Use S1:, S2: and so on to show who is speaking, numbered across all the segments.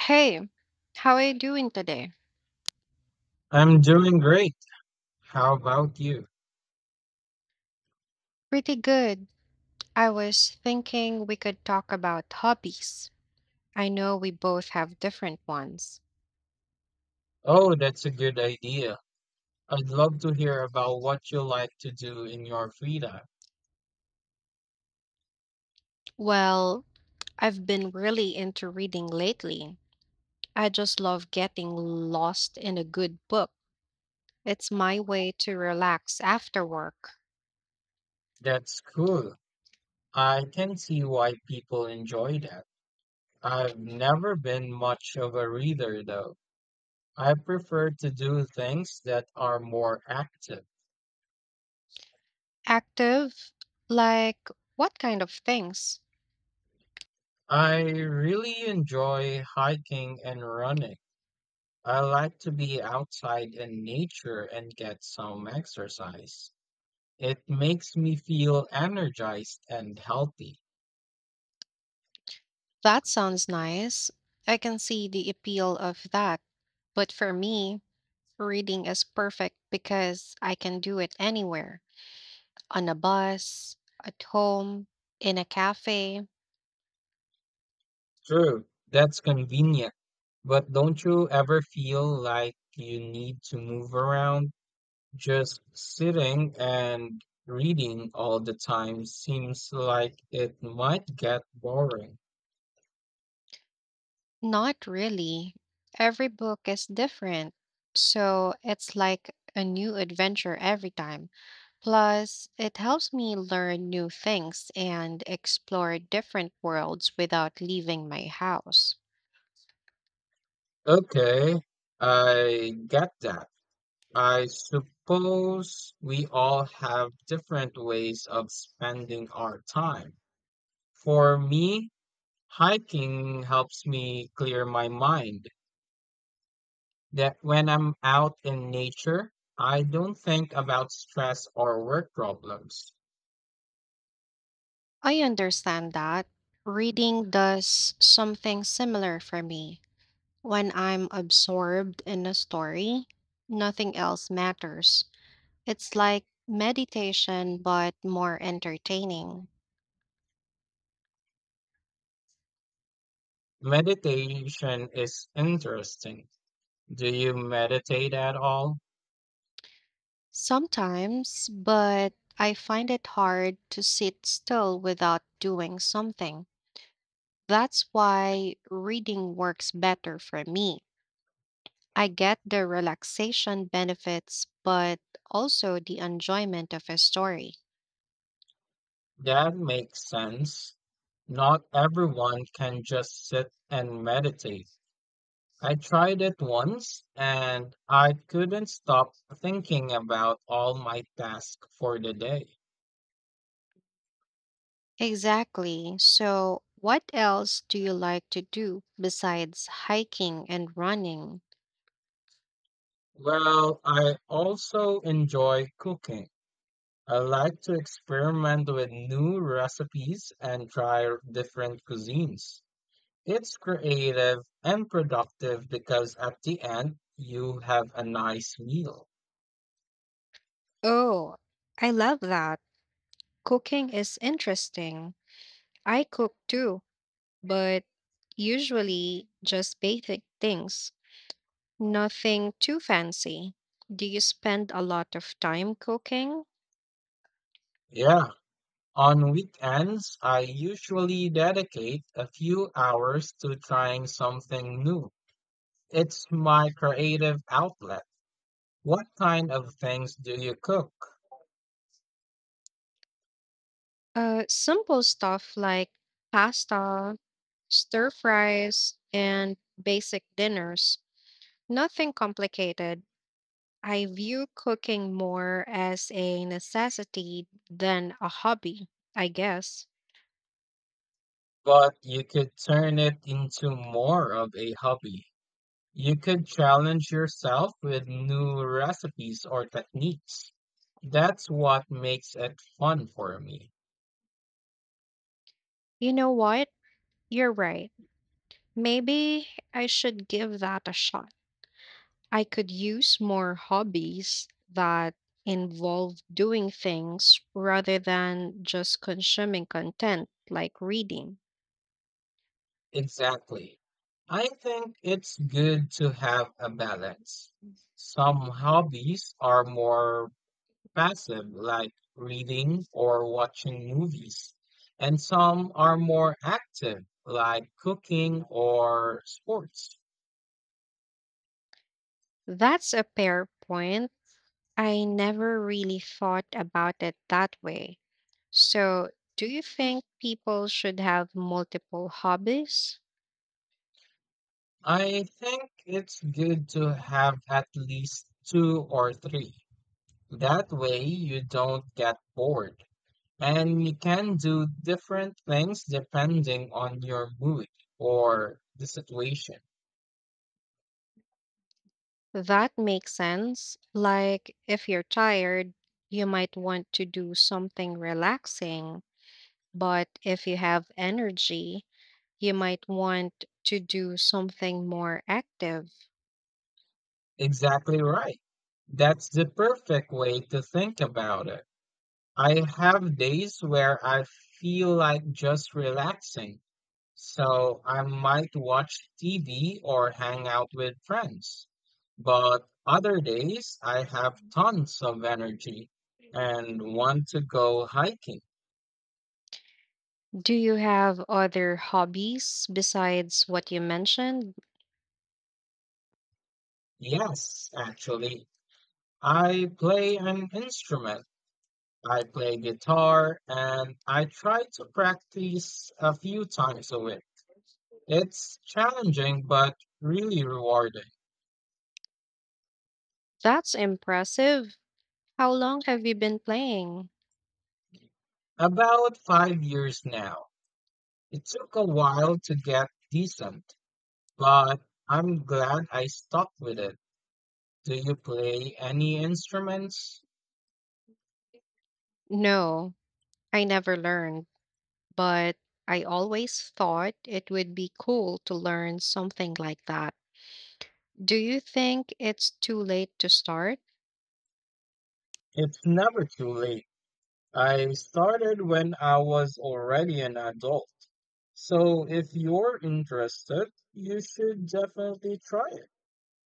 S1: Hey, how are you doing today?
S2: I'm doing great. How about you?
S1: Pretty good. I was thinking we could talk about hobbies. I know we both have different ones.
S2: Oh, that's a good idea. I'd love to hear about what you like to do in your free time.
S1: Well, I've been really into reading lately. I just love getting lost in a good book. It's my way to relax after work.
S2: That's cool. I can see why people enjoy that. I've never been much of a reader, though. I prefer to do things that are more active.
S1: Active? Like what kind of things?
S2: I really enjoy hiking and running. I like to be outside in nature and get some exercise. It makes me feel energized and healthy.
S1: That sounds nice. I can see the appeal of that. But for me, reading is perfect because I can do it anywhere, on a bus, at home, in a cafe.
S2: True, that's convenient. But don't you ever feel like you need to move around? Just sitting and reading all the time seems like it might get boring.
S1: Not really. Every book is different. So it's like a new adventure every time. Plus, it helps me learn new things and explore different worlds without leaving my house.
S2: Okay, I get that. I suppose we all have different ways of spending our time. For me, hiking helps me clear my mind. That when I'm out in nature, I don't think about stress or work problems.
S1: I understand that. Reading does something similar for me. When I'm absorbed in a story, nothing else matters. It's like meditation, but more entertaining.
S2: Meditation is interesting. Do you meditate at all?
S1: Sometimes, but I find it hard to sit still without doing something. That's why reading works better for me. I get the relaxation benefits, but also the enjoyment of a story.
S2: That makes sense. Not everyone can just sit and meditate. I tried it once and I couldn't stop thinking about all my tasks for the day.
S1: Exactly. So, what else do you like to do besides hiking and running?
S2: Well, I also enjoy cooking. I like to experiment with new recipes and try different cuisines. It's creative and productive because at the end, you have a nice meal.
S1: Oh, I love that. Cooking is interesting. I cook too, but usually just basic things, nothing too fancy. Do you spend a lot of time cooking?
S2: Yeah, on weekends, I usually dedicate a few hours to trying something new. It's my creative outlet. What kind of things do you cook?
S1: Simple stuff like pasta, stir fries, and basic dinners. Nothing complicated. I view cooking more as a necessity than a hobby, I guess.
S2: But you could turn it into more of a hobby. You could challenge yourself with new recipes or techniques. That's what makes it fun for me.
S1: You know what? You're right. Maybe I should give that a shot. I could use more hobbies that involve doing things rather than just consuming content like reading.
S2: Exactly. I think it's good to have a balance. Some hobbies are more passive, like reading or watching movies, and some are more active, like cooking or sports.
S1: That's a fair point. I never really thought about it that way. So, do you think people should have multiple hobbies?
S2: I think it's good to have at least two or three. That way you don't get bored. And you can do different things depending on your mood or the situation.
S1: That makes sense. Like, if you're tired, you might want to do something relaxing, but if you have energy, you might want to do something more active.
S2: Exactly right. That's the perfect way to think about it. I have days where I feel like just relaxing, so I might watch TV or hang out with friends. But other days, I have tons of energy and want to go hiking.
S1: Do you have other hobbies besides what you mentioned?
S2: Yes, actually, I play an instrument. I play guitar and I try to practice a few times a week. It's challenging, but really rewarding.
S1: That's impressive. How long have you been playing?
S2: About 5 years now. It took a while to get decent, but I'm glad I stuck with it. Do you play any instruments?
S1: No, I never learned, but I always thought it would be cool to learn something like that. Do you think it's too late to start?
S2: It's never too late. I started when I was already an adult. So if you're interested, you should definitely try it.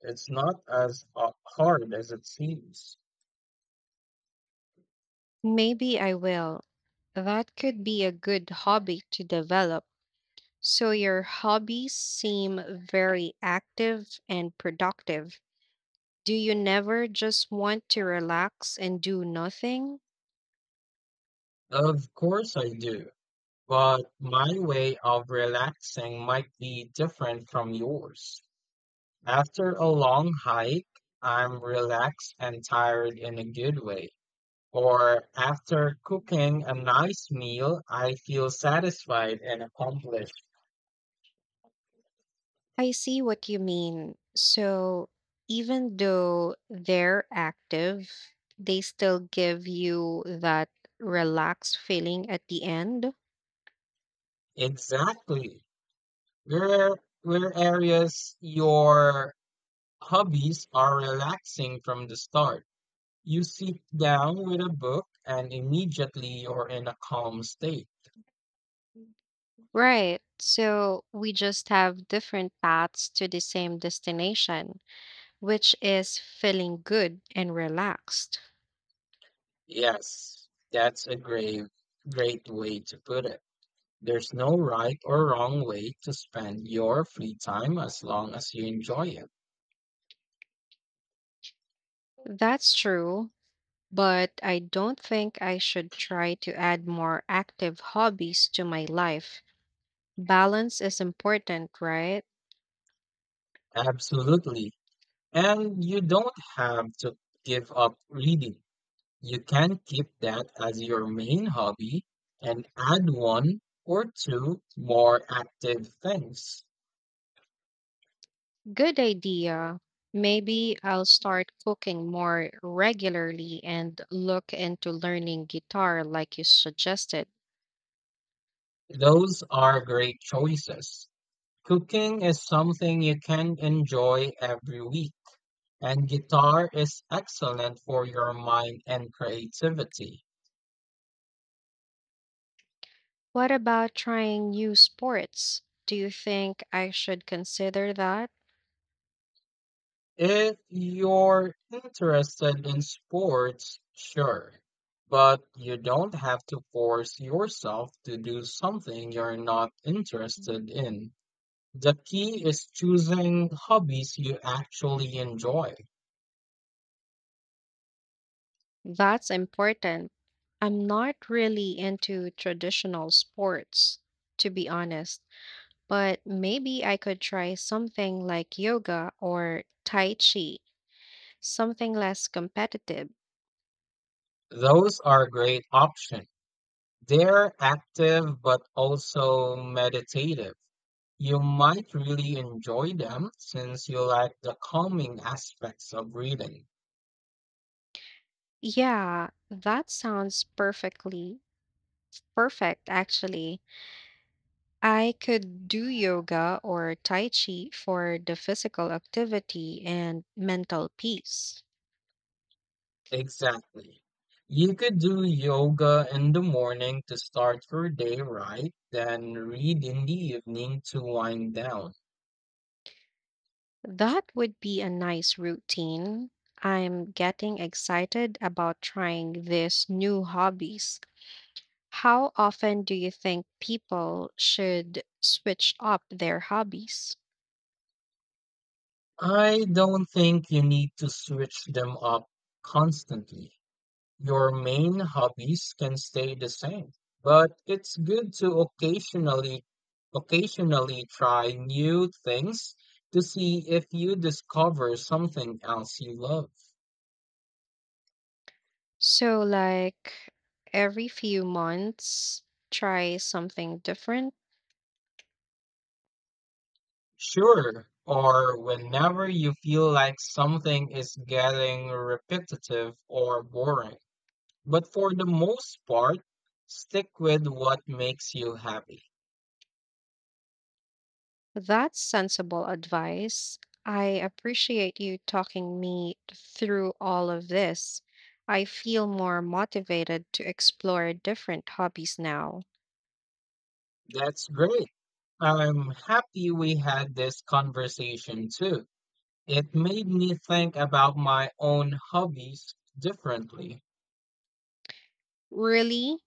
S2: It's not as hard as it seems.
S1: Maybe I will. That could be a good hobby to develop. So, your hobbies seem very active and productive. Do you never just want to relax and do nothing?
S2: Of course I do, but my way of relaxing might be different from yours. After a long hike, I'm relaxed and tired in a good way. Or after cooking a nice meal, I feel satisfied and accomplished.
S1: I see what you mean. So, even though they're active, they still give you that relaxed feeling at the end.
S2: Exactly. Where areas your hobbies are relaxing from the start. You sit down with a book and immediately you're in a calm state.
S1: Right. So, we just have different paths to the same destination, which is feeling good and relaxed.
S2: Yes, that's a great way to put it. There's no right or wrong way to spend your free time as long as you enjoy it.
S1: That's true, but I don't think I should try to add more active hobbies to my life. Balance is important, right?
S2: Absolutely. And you don't have to give up reading. You can keep that as your main hobby and add one or two more active things.
S1: Good idea. Maybe I'll start cooking more regularly and look into learning guitar like you suggested.
S2: Those are great choices. Cooking is something you can enjoy every week, and guitar is excellent for your mind and creativity.
S1: What about trying new sports? Do you think I should consider that?
S2: If you're interested in sports, sure, but you don't have to force yourself to do something you're not interested in. The key is choosing hobbies you actually enjoy.
S1: That's important. I'm not really into traditional sports, to be honest, but maybe I could try something like yoga or Tai Chi, something less competitive.
S2: Those are a great option. They're active but also meditative. You might really enjoy them since you like the calming aspects of reading.
S1: Yeah, that sounds perfect, actually. I could do yoga or tai chi for the physical activity and mental peace.
S2: Exactly. You could do yoga in the morning to start your day right, then read in the evening to wind down.
S1: That would be a nice routine. I'm getting excited about trying these new hobbies. How often do you think people should switch up their hobbies?
S2: I don't think you need to switch them up constantly. Your main hobbies can stay the same, but it's good to occasionally try new things to see if you discover something else you love.
S1: So, like every few months, try something different.
S2: Sure, or whenever you feel like something is getting repetitive or boring. But for the most part, stick with what makes you happy.
S1: That's sensible advice. I appreciate you talking me through all of this. I feel more motivated to explore different hobbies now.
S2: That's great. I'm happy we had this conversation too. It made me think about my own hobbies differently.
S1: Really?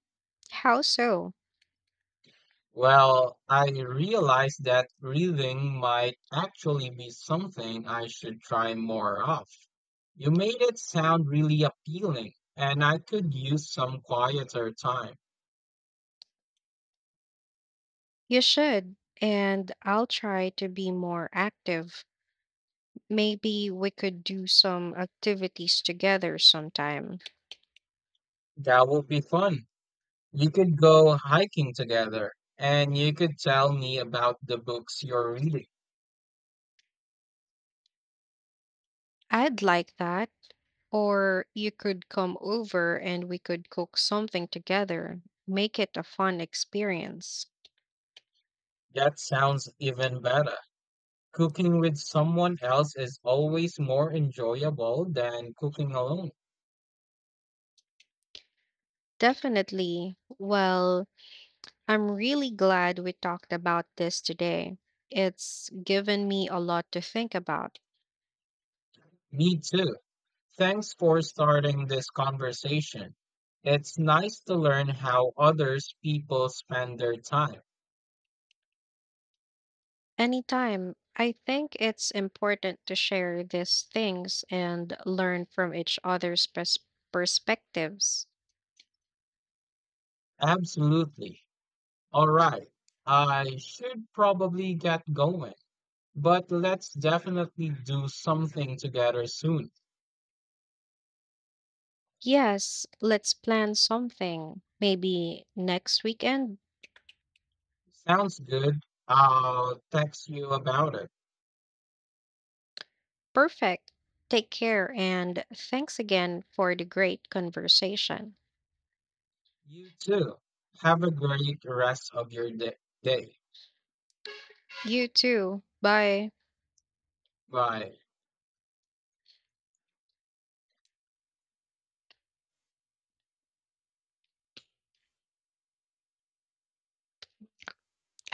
S1: How so?
S2: Well, I realized that reading might actually be something I should try more of. You made it sound really appealing, and I could use some quieter time.
S1: You should. And I'll try to be more active. Maybe we could do some activities together sometime.
S2: That would be fun. You could go hiking together, and you could tell me about the books you're reading.
S1: I'd like that. Or you could come over and we could cook something together, make it a fun experience.
S2: That sounds even better. Cooking with someone else is always more enjoyable than cooking alone.
S1: Definitely. Well, I'm really glad we talked about this today. It's given me a lot to think about.
S2: Me too. Thanks for starting this conversation. It's nice to learn how others people spend their time.
S1: Anytime, I think it's important to share these things and learn from each other's perspectives.
S2: Absolutely. All right. I should probably get going, but let's definitely do something together soon.
S1: Yes, let's plan something. Maybe next weekend?
S2: Sounds good. I'll text you about it.
S1: Perfect. Take care and thanks again for the great conversation.
S2: You too. Have a great rest of your day.
S1: You too. Bye.
S2: Bye.